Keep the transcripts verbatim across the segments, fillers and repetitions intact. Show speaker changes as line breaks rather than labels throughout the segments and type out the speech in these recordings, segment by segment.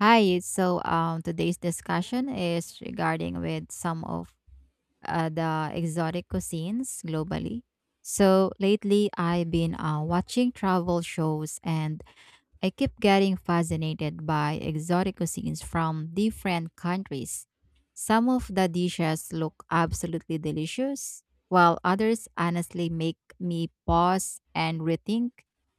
Hi. So, um, today's discussion is regarding with some of uh, the exotic cuisines globally. So lately, I've been uh, watching travel shows, and I keep getting fascinated by exotic cuisines from different countries. Some of the dishes look absolutely delicious, while others honestly make me pause and rethink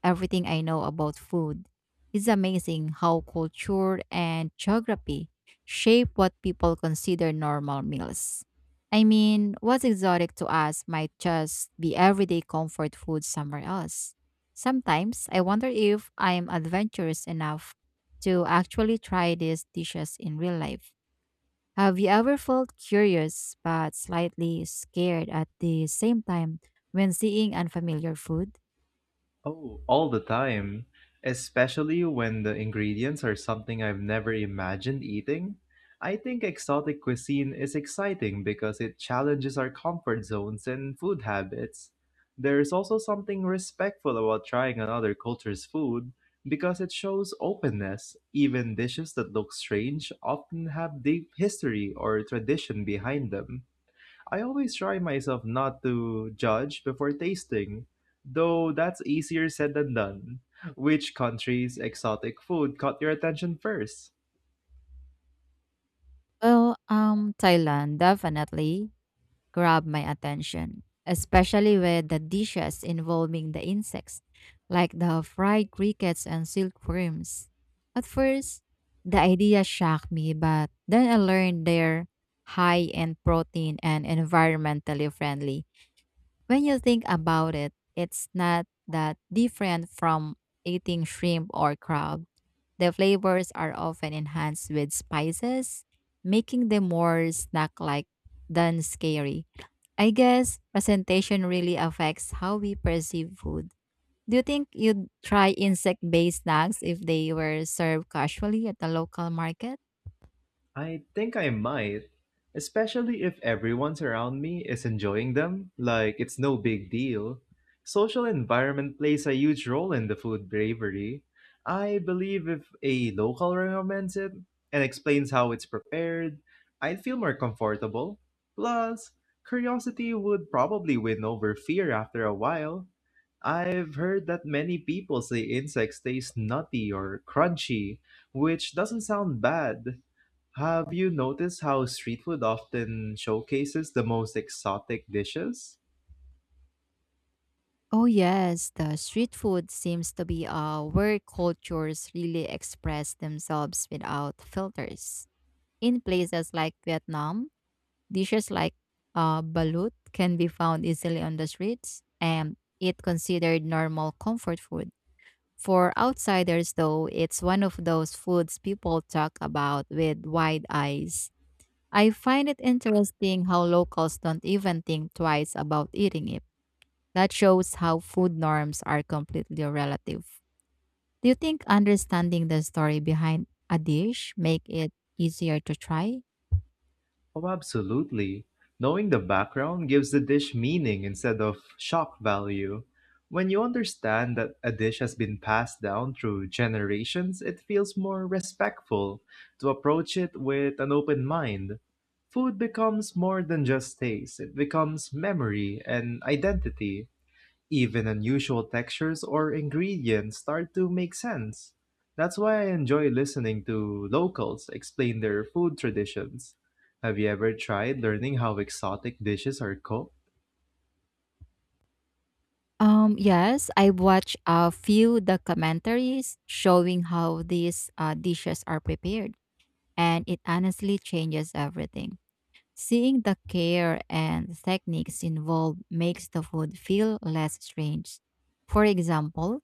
everything I know about food. It's amazing how culture and geography shape what people consider normal meals. I mean, what's exotic to us might just be everyday comfort food somewhere else. Sometimes I wonder if I am adventurous enough to actually try these dishes in real life. Have you ever felt curious but slightly scared at the same time when seeing unfamiliar food?
Oh, all the time. Especially when the ingredients are something I've never imagined eating. I think exotic cuisine is exciting because it challenges our comfort zones and food habits. There is also something respectful about trying another culture's food because it shows openness. Even dishes that look strange often have deep history or tradition behind them. I always try myself not to judge before tasting, though that's easier said than done. Which country's exotic food caught your attention first?
Well, um, Thailand, definitely grabbed my attention, especially with the dishes involving the insects, like the fried crickets and silkworms. At first, the idea shocked me, but then I learned they're high in protein and environmentally friendly. When you think about it, it's not that different from eating shrimp or crab. The flavors are often enhanced with spices, making them more snack like than scary. I guess presentation really affects how we perceive food. Do you think you'd try insect based snacks if they were served casually at the local market?
I think I might, especially if everyone's around me is enjoying them, like it's no big deal. Social environment plays a huge role in the food bravery. I believe if a local recommends it and explains how it's prepared, I'd feel more comfortable. Plus, curiosity would probably win over fear after a while. I've heard that many people say insects taste nutty or crunchy, which doesn't sound bad. Have you noticed how street food often showcases the most exotic dishes?
Oh, yes, the street food seems to be uh, where cultures really express themselves without filters. In places like Vietnam, dishes like uh, balut can be found easily on the streets and it considered normal comfort food. For outsiders, though, it's one of those foods people talk about with wide eyes. I find it interesting how locals don't even think twice about eating it. That shows how food norms are completely relative. Do you think understanding the story behind a dish make it easier to try?
Oh, absolutely. Knowing the background gives the dish meaning instead of shock value. When you understand that a dish has been passed down through generations, it feels more respectful to approach it with an open mind. Food becomes more than just taste, it becomes memory and identity. Even unusual textures or ingredients start to make sense. That's why I enjoy listening to locals explain their food traditions. Have you ever tried learning how exotic dishes are cooked?
Um, yes, I watched a few documentaries showing how these uh, dishes are prepared, and it honestly changes everything. Seeing the care and techniques involved makes the food feel less strange. For example,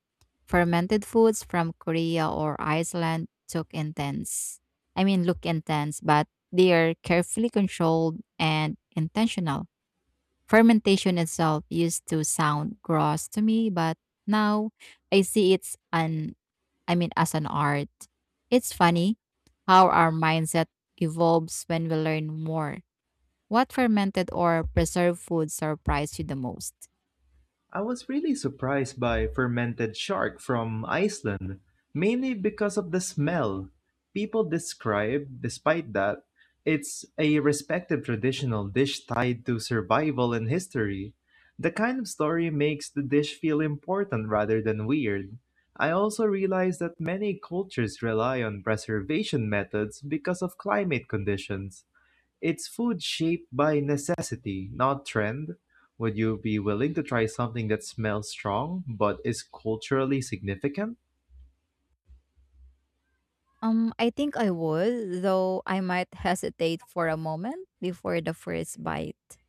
fermented foods from Korea or Iceland took intense. I mean, look intense, but they are carefully controlled and intentional. Fermentation itself used to sound gross to me, but now I see it's an I mean as an art. It's funny how our mindset evolves when we learn more. What fermented or preserved food surprised you the most?
I was really surprised by fermented shark from Iceland, mainly because of the smell. People describe, despite that, it's a respected traditional dish tied to survival and history. The kind of story makes the dish feel important rather than weird. I also realized that many cultures rely on preservation methods because of climate conditions. It's food shaped by necessity, not trend. Would you be willing to try something that smells strong but is culturally significant?
Um, I think I would, though I might hesitate for a moment before the first bite.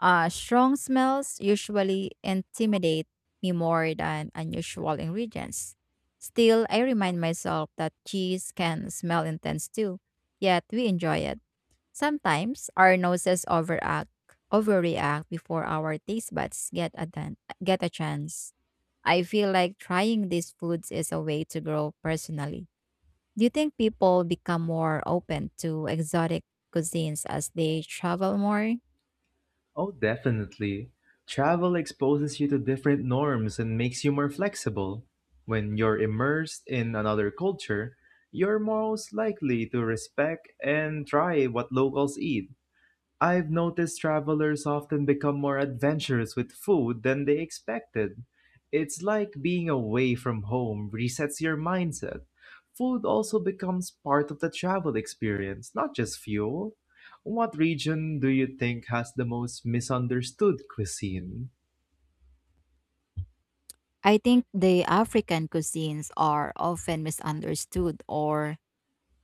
Uh, strong smells usually intimidate me more than unusual ingredients. Still, I remind myself that cheese can smell intense too, yet we enjoy it. Sometimes our noses overact, overreact before our taste buds get a, dan- get a chance. I feel like trying these foods is a way to grow personally. Do you think people become more open to exotic cuisines as they travel more?
Oh, definitely. Travel exposes you to different norms and makes you more flexible. When you're immersed in another culture, you're most likely to respect and try what locals eat. I've noticed travelers often become more adventurous with food than they expected. It's like being away from home resets your mindset. Food also becomes part of the travel experience, not just fuel. What region do you think has the most misunderstood cuisine?
I think the African cuisines are often misunderstood or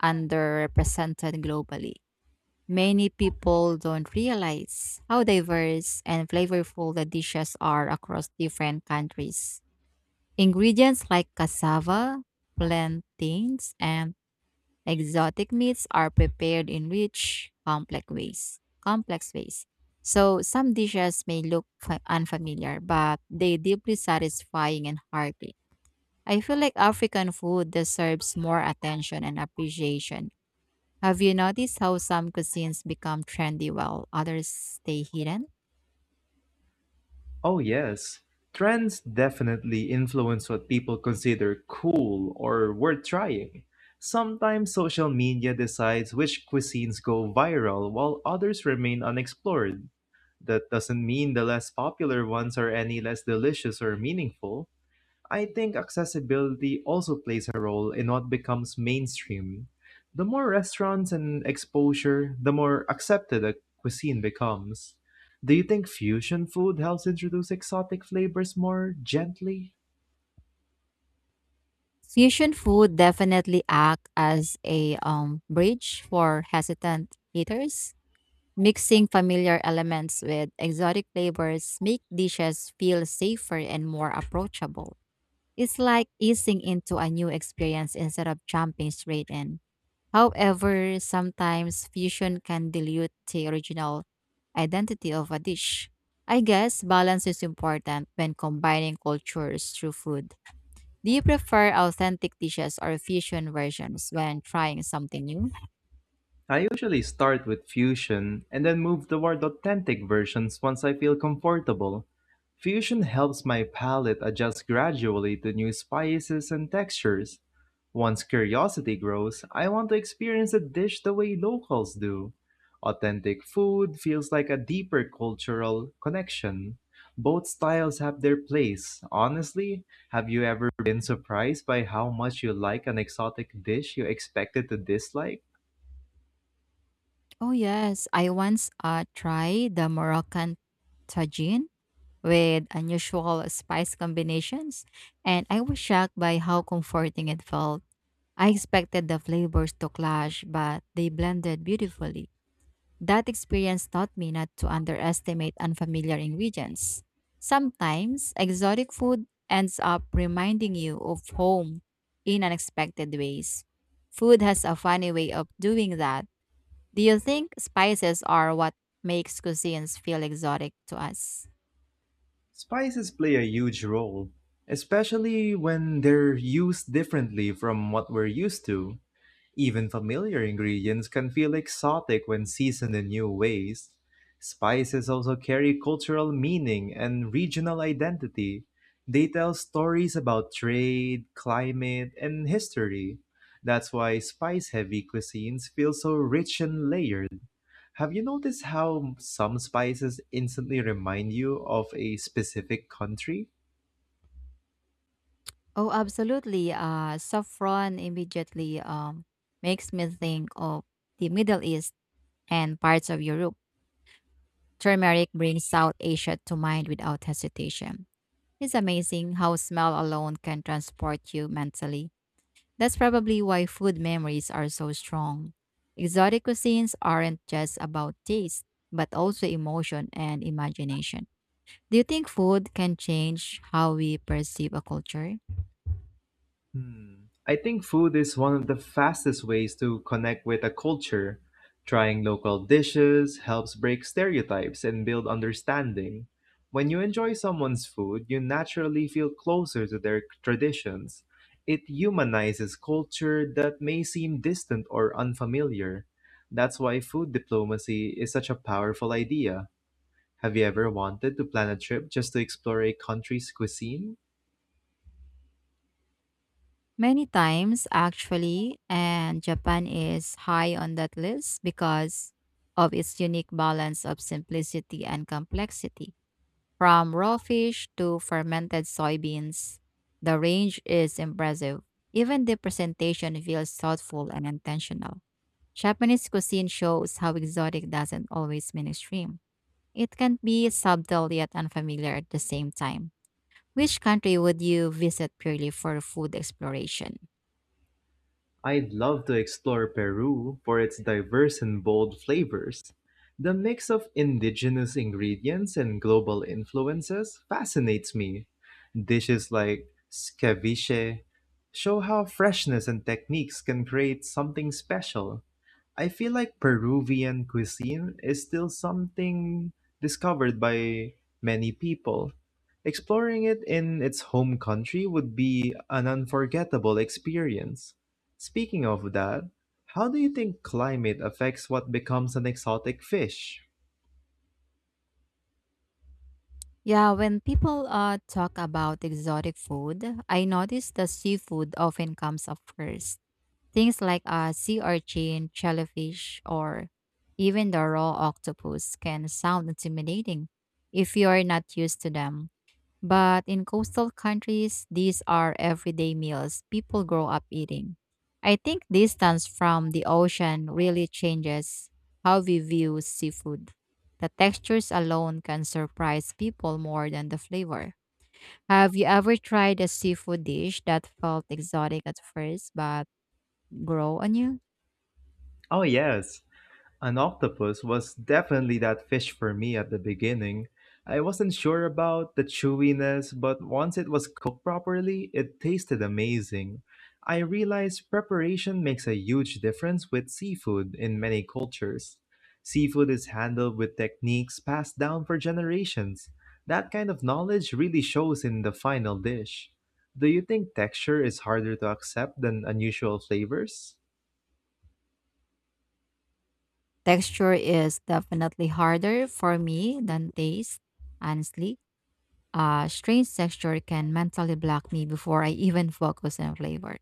underrepresented globally. Many people don't realize how diverse and flavorful the dishes are across different countries. Ingredients like cassava, plantains, and exotic meats are prepared in rich, complex ways. Complex ways. So some dishes may look fa- unfamiliar, but they deeply satisfying and hearty. I feel like African food deserves more attention and appreciation. Have you noticed how some cuisines become trendy while others stay hidden?
Oh, yes. Trends definitely influence what people consider cool or worth trying. Sometimes social media decides which cuisines go viral while others remain unexplored. That doesn't mean the less popular ones are any less delicious or meaningful. I think accessibility also plays a role in what becomes mainstream. The more restaurants and exposure, the more accepted a cuisine becomes. Do you think fusion food helps introduce exotic flavors more gently?
Fusion food definitely act as a um, bridge for hesitant eaters. Mixing familiar elements with exotic flavors make dishes feel safer and more approachable. It's like easing into a new experience instead of jumping straight in. However, sometimes fusion can dilute the original identity of a dish. I guess balance is important when combining cultures through food. Do you prefer authentic dishes or fusion versions when trying something new?
I usually start with fusion and then move toward authentic versions once I feel comfortable. Fusion helps my palate adjust gradually to new spices and textures. Once curiosity grows, I want to experience a dish the way locals do. Authentic food feels like a deeper cultural connection. Both styles have their place. Honestly, have you ever been surprised by how much you like an exotic dish you expected to dislike?
Oh yes, I once uh, tried the Moroccan tagine with unusual spice combinations, and I was shocked by how comforting it felt. I expected the flavors to clash, but they blended beautifully. That experience taught me not to underestimate unfamiliar ingredients. Sometimes exotic food ends up reminding you of home in unexpected ways. Food has a funny way of doing that. Do you think spices are what makes cuisines feel exotic to us?
Spices play a huge role, especially when they're used differently from what we're used to. Even familiar ingredients can feel exotic when seasoned in new ways. Spices also carry cultural meaning and regional identity. They tell stories about trade, climate, and history. That's why spice heavy cuisines feel so rich and layered. Have you noticed how some spices instantly remind you of a specific country?
Oh, absolutely. Uh, saffron immediately um, makes me think of the Middle East and parts of Europe. Turmeric brings South Asia to mind without hesitation. It's amazing how smell alone can transport you mentally. That's probably why food memories are so strong. Exotic cuisines aren't just about taste, but also emotion and imagination. Do you think food can change how we perceive a culture?
Hmm. I think food is one of the fastest ways to connect with a culture. Trying local dishes helps break stereotypes and build understanding. When you enjoy someone's food, you naturally feel closer to their traditions. It humanizes culture that may seem distant or unfamiliar. That's why food diplomacy is such a powerful idea. Have you ever wanted to plan a trip just to explore a country's cuisine?
Many times, actually, and Japan is high on that list because of its unique balance of simplicity and complexity. From raw fish to fermented soybeans, the range is impressive. Even the presentation feels thoughtful and intentional. Japanese cuisine shows how exotic doesn't always mean extreme. It can be subtle yet unfamiliar at the same time. Which country would you visit purely for food exploration?
I'd love to explore Peru for its diverse and bold flavors. The mix of indigenous ingredients and global influences fascinates me. Dishes like ceviche show how freshness and techniques can create something special. I feel like Peruvian cuisine is still something discovered by many people. Exploring it in its home country would be an unforgettable experience. Speaking of that, how do you think climate affects what becomes an exotic fish?
Yeah, when people uh, talk about exotic food, I notice that seafood often comes up first. Things like uh, sea urchin, shellfish, or even the raw octopus can sound intimidating if you are not used to them. But in coastal countries, these are everyday meals people grow up eating. I think distance from the ocean really changes how we view seafood. The textures alone can surprise people more than the flavor. Have you ever tried a seafood dish that felt exotic at first but grow on you?
Oh, yes. An octopus was definitely that fish for me at the beginning. I wasn't sure about the chewiness, but once it was cooked properly, it tasted amazing. I realized preparation makes a huge difference with seafood in many cultures. Seafood is handled with techniques passed down for generations. That kind of knowledge really shows in the final dish. Do you think texture is harder to accept than unusual flavors?
Texture is definitely harder for me than taste, honestly. Uh, strange texture can mentally block me before I even focus on flavor.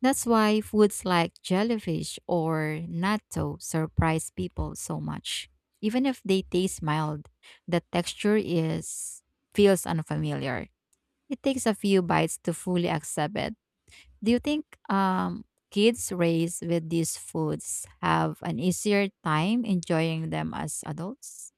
That's why foods like jellyfish or natto surprise people so much. Even if they taste mild, the texture is feels unfamiliar. It takes a few bites to fully accept it. Do you think um, kids raised with these foods have an easier time enjoying them as adults?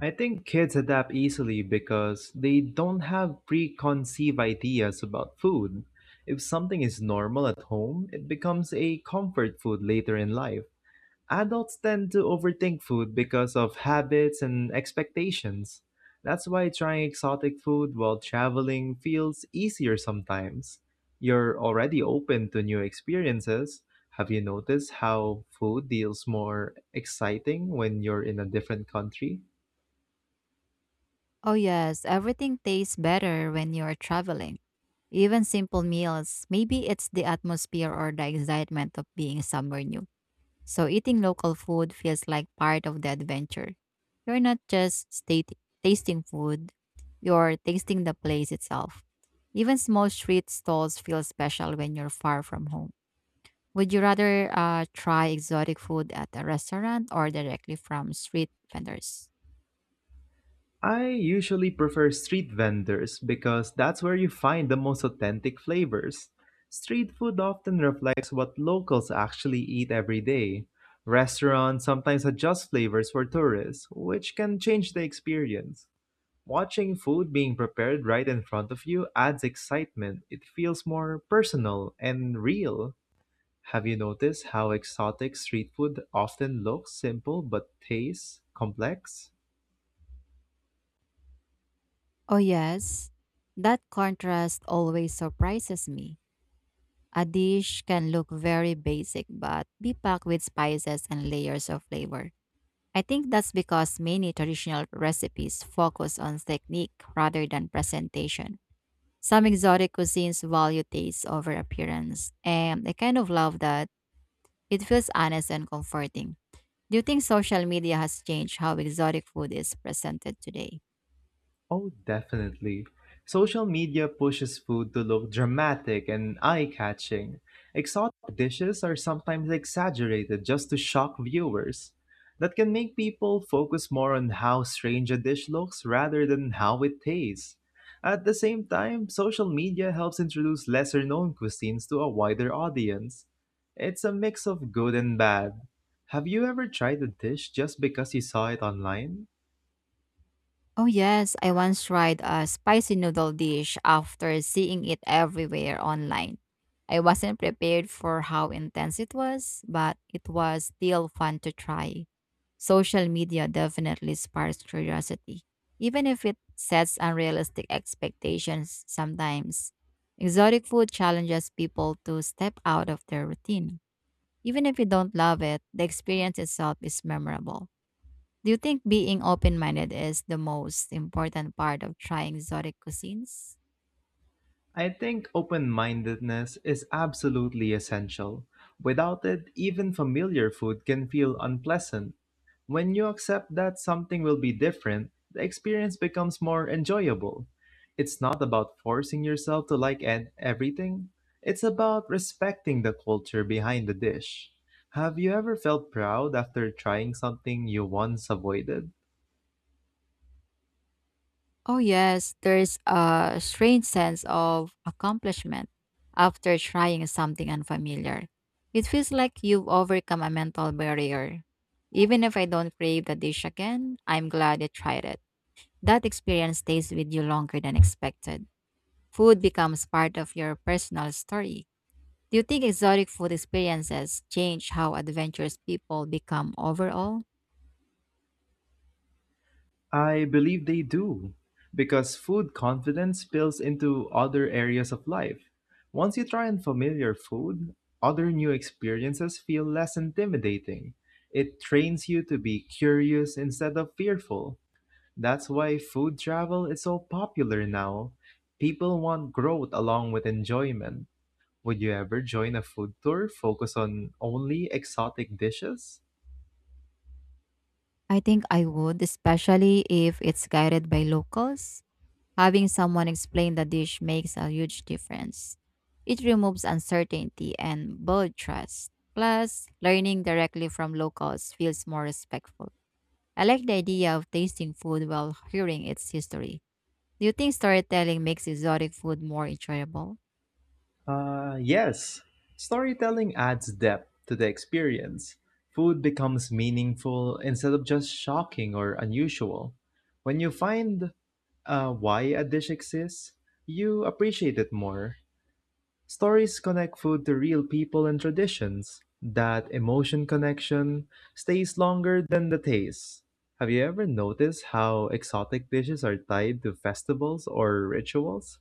I think kids adapt easily because they don't have preconceived ideas about food. If something is normal at home, it becomes a comfort food later in life. Adults tend to overthink food because of habits and expectations. That's why trying exotic food while traveling feels easier sometimes. You're already open to new experiences. Have you noticed how food feels more exciting when you're in a different country?
Oh, yes, everything tastes better when you're traveling. Even simple meals. Maybe it's the atmosphere or the excitement of being somewhere new. So eating local food feels like part of the adventure. You're not just state- tasting food, you're tasting the place itself. Even small street stalls feel special when you're far from home. Would you rather uh, try exotic food at a restaurant or directly from street vendors?
I usually prefer street vendors because that's where you find the most authentic flavors. Street food often reflects what locals actually eat every day. Restaurants sometimes adjust flavors for tourists, which can change the experience. Watching food being prepared right in front of you adds excitement. It feels more personal and real. Have you noticed how exotic street food often looks simple but tastes complex?
Oh, yes. That contrast always surprises me. A dish can look very basic but be packed with spices and layers of flavor. I think that's because many traditional recipes focus on technique rather than presentation. Some exotic cuisines value taste over appearance, and I kind of love that. It feels honest and comforting. Do you think social media has changed how exotic food is presented today?
Oh, definitely. Social media pushes food to look dramatic and eye-catching. Exotic dishes are sometimes exaggerated just to shock viewers. That can make people focus more on how strange a dish looks rather than how it tastes. At the same time, social media helps introduce lesser-known cuisines to a wider audience. It's a mix of good and bad. Have you ever tried a dish just because you saw it online?
Oh, yes. I once tried a spicy noodle dish after seeing it everywhere online. I wasn't prepared for how intense it was, but it was still fun to try. Social media definitely sparks curiosity, even if it sets unrealistic expectations sometimes. Exotic food challenges people to step out of their routine. Even if you don't love it, the experience itself is memorable. Do you think being open minded is the most important part of trying exotic cuisines?
I think open mindedness is absolutely essential. Without it, even familiar food can feel unpleasant. When you accept that something will be different, the experience becomes more enjoyable. It's not about forcing yourself to like ed- everything, it's about respecting the culture behind the dish. Have you ever felt proud after trying something you once avoided?
Oh, yes, there's a strange sense of accomplishment after trying something unfamiliar. It feels like you've overcome a mental barrier. Even if I don't crave the dish again, I'm glad I tried it. That experience stays with you longer than expected. Food becomes part of your personal story. Do you think exotic food experiences change how adventurous people become overall?
I believe they do, because food confidence spills into other areas of life. Once you try unfamiliar food, other new experiences feel less intimidating. It trains you to be curious instead of fearful. That's why food travel is so popular now. People want growth along with enjoyment. Would you ever join a food tour focused on only exotic dishes?
I think I would, especially if it's guided by locals. Having someone explain the dish makes a huge difference. It removes uncertainty and builds trust. Plus, learning directly from locals feels more respectful. I like the idea of tasting food while hearing its history. Do you think storytelling makes exotic food more enjoyable?
Uh, yes, storytelling adds depth to the experience. Food becomes meaningful instead of just shocking or unusual. When you find uh, why a dish exists, you appreciate it more. Stories connect food to real people and traditions. That emotion connection stays longer than the taste. Have you ever noticed how exotic dishes are tied to festivals or rituals?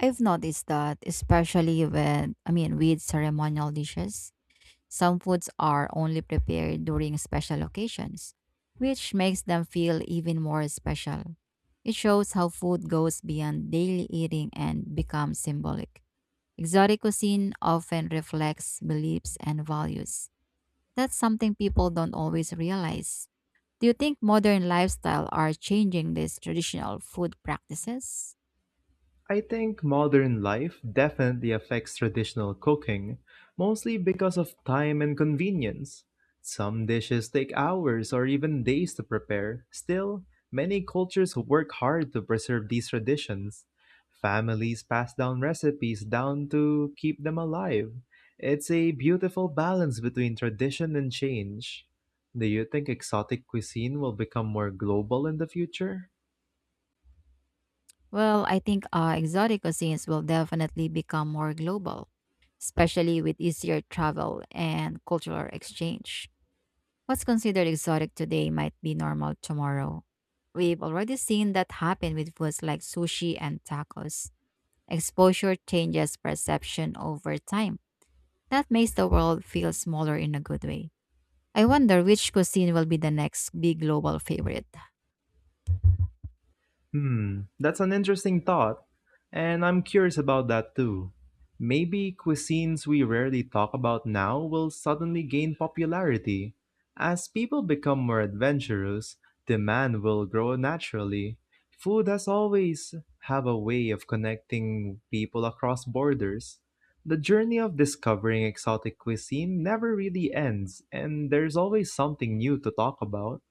I've noticed that, especially when, I mean, with ceremonial dishes, some foods are only prepared during special occasions, which makes them feel even more special. It shows how food goes beyond daily eating and becomes symbolic. Exotic cuisine often reflects beliefs and values. That's something people don't always realize. Do you think modern lifestyle are changing these traditional food practices?
I think modern life definitely affects traditional cooking, mostly because of time and convenience. Some dishes take hours or even days to prepare. Still, many cultures work hard to preserve these traditions. Families pass down recipes down to keep them alive. It's a beautiful balance between tradition and change. Do you think exotic cuisine will become more global in the future?
Well, I think uh, exotic cuisines will definitely become more global, especially with easier travel and cultural exchange. What's considered exotic today might be normal tomorrow. We've already seen that happen with foods like sushi and tacos. Exposure changes perception over time. That makes the world feel smaller in a good way. I wonder which cuisine will be the next big global favorite.
Hmm, that's an interesting thought, and I'm curious about that too. Maybe cuisines we rarely talk about now will suddenly gain popularity. As people become more adventurous, demand will grow naturally. Food has always have a way of connecting people across borders. The journey of discovering exotic cuisine never really ends, and there's always something new to talk about.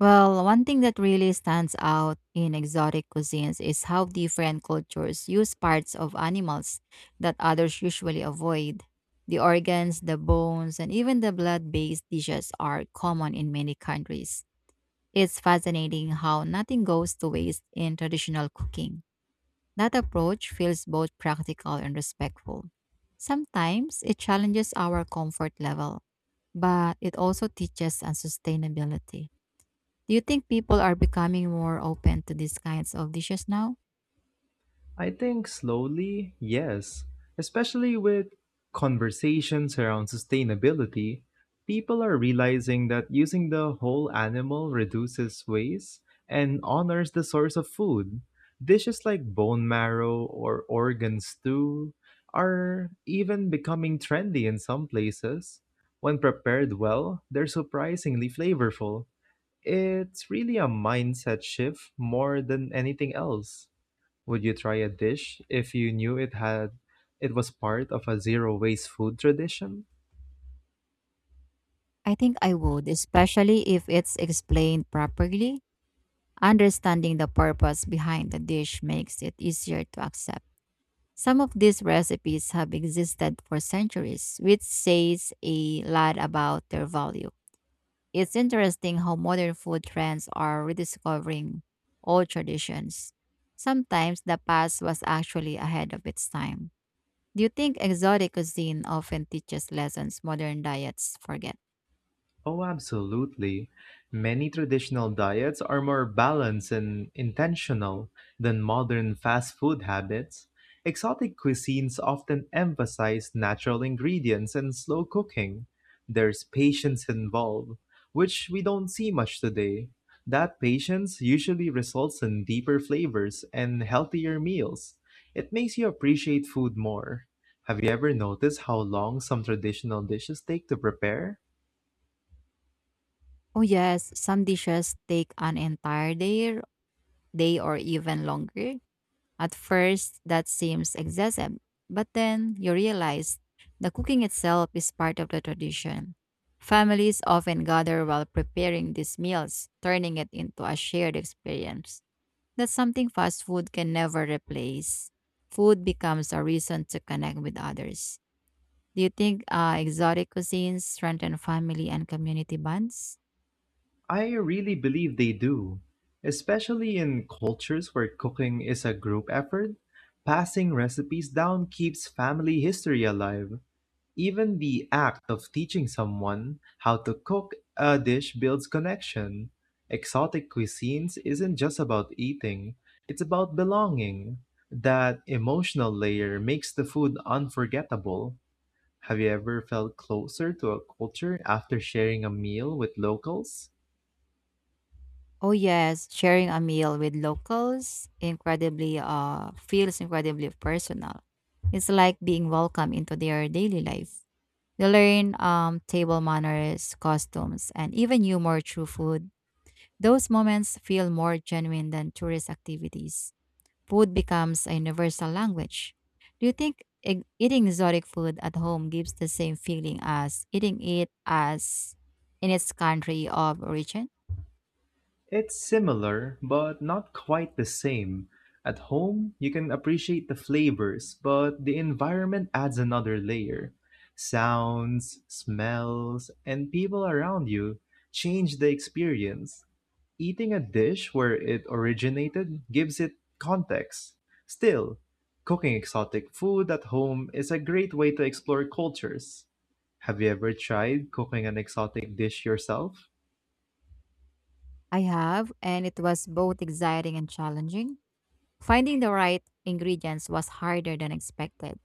Well, one thing that really stands out in exotic cuisines is how different cultures use parts of animals that others usually avoid. The organs, the bones, and even the blood based dishes are common in many countries. It's fascinating how nothing goes to waste in traditional cooking. That approach feels both practical and respectful. Sometimes it challenges our comfort level, but it also teaches on sustainability. Do you think people are becoming more open to these kinds of dishes now?
I think slowly, yes. Especially with conversations around sustainability, people are realizing that using the whole animal reduces waste and honors the source of food. Dishes like bone marrow or organ stew are even becoming trendy in some places. When prepared well, they're surprisingly flavorful. It's really a mindset shift more than anything else. Would you try a dish if you knew it had it was part of a zero waste food tradition?
I think I would, especially if it's explained properly. Understanding the purpose behind the dish makes it easier to accept. Some of these recipes have existed for centuries, which says a lot about their value. It's interesting how modern food trends are rediscovering old traditions. Sometimes the past was actually ahead of its time. Do you think exotic cuisine often teaches lessons modern diets forget?
Oh, absolutely. Many traditional diets are more balanced and intentional than modern fast food habits. Exotic cuisines often emphasize natural ingredients and slow cooking. There's patience involved, which we don't see much today. That patience usually results in deeper flavors and healthier meals. It makes you appreciate food more. Have you ever noticed how long some traditional dishes take to prepare?
Oh yes, some dishes take an entire day, day or even longer. At first, that seems excessive, but then you realize the cooking itself is part of the tradition. Families often gather while preparing these meals, turning it into a shared experience. That's something fast food can never replace. Food becomes a reason to connect with others. Do you think uh, exotic cuisines strengthen family and community bonds?
I really believe they do, especially in cultures where cooking is a group effort. Passing recipes down keeps family history alive. Even the act of teaching someone how to cook a dish builds connection. Exotic cuisines isn't just about eating, it's about belonging. That emotional layer makes the food unforgettable. Have you ever felt closer to a culture after sharing a meal with locals?
Oh yes, sharing a meal with locals incredibly uh, feels incredibly personal. It's like being welcomed into their daily life. You learn um, table manners, costumes, and even humor through food. Those moments feel more genuine than tourist activities. Food becomes a universal language. Do you think e- eating exotic food at home gives the same feeling as eating it as in its country of origin?
It's similar, but not quite the same. At home, you can appreciate the flavors, but the environment adds another layer. Sounds, smells, and people around you change the experience. Eating a dish where it originated gives it context. Still, cooking exotic food at home is a great way to explore cultures. Have you ever tried cooking an exotic dish yourself?
I have, and it was both exciting and challenging. Finding the right ingredients was harder than expected.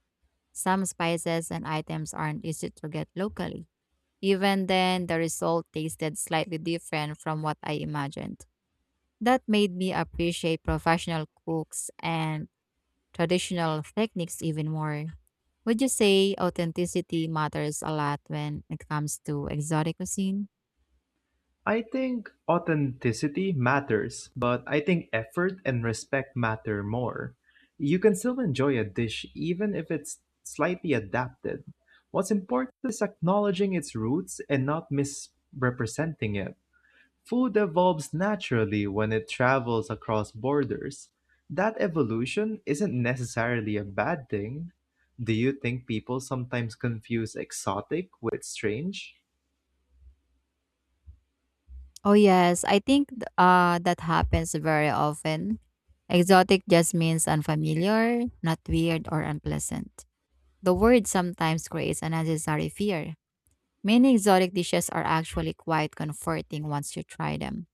Some spices and items aren't easy to get locally. Even then, the result tasted slightly different from what I imagined. That made me appreciate professional cooks and traditional techniques even more. Would you say authenticity matters a lot when it comes to exotic cuisine?
I think authenticity matters, but I think effort and respect matter more. You can still enjoy a dish even if it's slightly adapted. What's important is acknowledging its roots and not misrepresenting it. Food evolves naturally when it travels across borders. That evolution isn't necessarily a bad thing. Do you think people sometimes confuse exotic with strange?
Oh yes, I think th- uh that happens very often. Exotic just means unfamiliar, not weird or unpleasant. The word sometimes creates unnecessary fear. Many exotic dishes are actually quite comforting once you try them.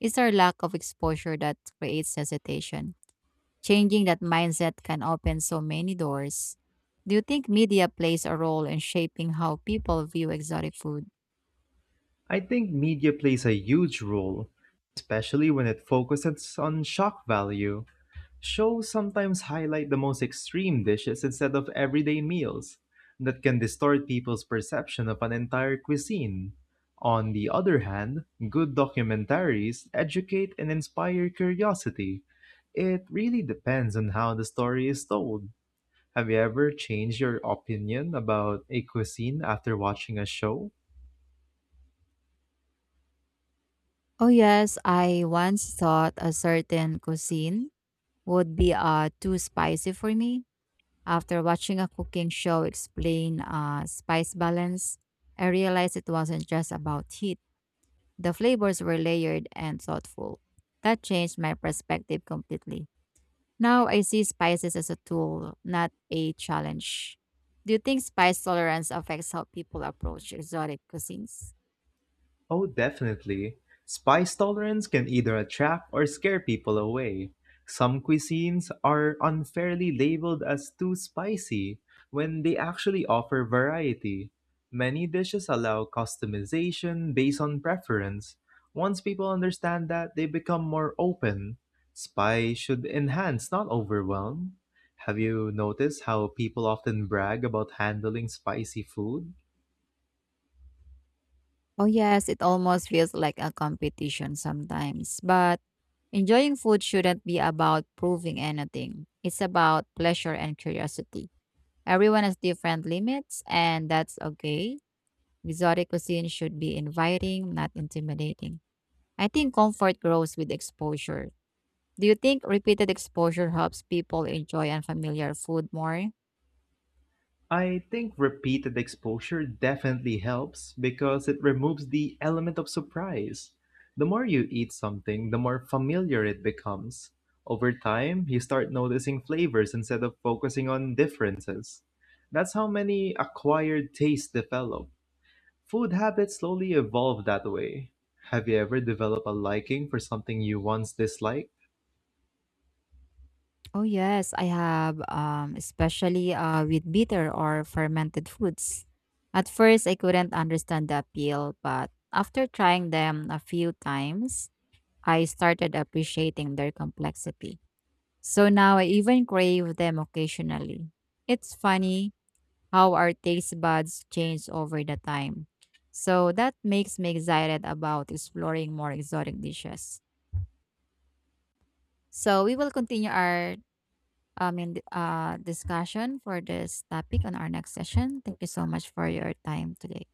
It's our lack of exposure that creates hesitation. Changing that mindset can open so many doors. Do you think media plays a role in shaping how people view exotic food?
I think media plays a huge role, especially when it focuses on shock value. Shows sometimes highlight the most extreme dishes instead of everyday meals. That can distort people's perception of an entire cuisine. On the other hand, good documentaries educate and inspire curiosity. It really depends on how the story is told. Have you ever changed your opinion about a cuisine after watching a show?
Oh yes, I once thought a certain cuisine would be uh, too spicy for me. After watching a cooking show explain uh, spice balance, I realized it wasn't just about heat. The flavors were layered and thoughtful. That changed my perspective completely. Now I see spices as a tool, not a challenge. Do you think spice tolerance affects how people approach exotic cuisines?
Oh, definitely. Spice tolerance can either attract or scare people away. Some cuisines are unfairly labeled as too spicy when they actually offer variety. Many dishes allow customization based on preference. Once people understand that, they become more open. Spice should enhance, not overwhelm. Have you noticed how people often brag about handling spicy food?
Oh, yes, it almost feels like a competition sometimes. But enjoying food shouldn't be about proving anything, it's about pleasure and curiosity. Everyone has different limits, and that's okay. Exotic cuisine should be inviting, not intimidating. I think comfort grows with exposure. Do you think repeated exposure helps people enjoy unfamiliar food more?
I think repeated exposure definitely helps because it removes the element of surprise. The more you eat something, the more familiar it becomes. Over time, you start noticing flavors instead of focusing on differences. That's how many acquired tastes develop. Food habits slowly evolve that way. Have you ever developed a liking for something you once disliked?
Oh yes, I have, um, especially uh, with bitter or fermented foods. At first, I couldn't understand the appeal, but after trying them a few times, I started appreciating their complexity. So now I even crave them occasionally. It's funny how our taste buds change over the time. So that makes me excited about exploring more exotic dishes. So we will continue our I mean, uh, discussion for this topic on our next session. Thank you so much for your time today.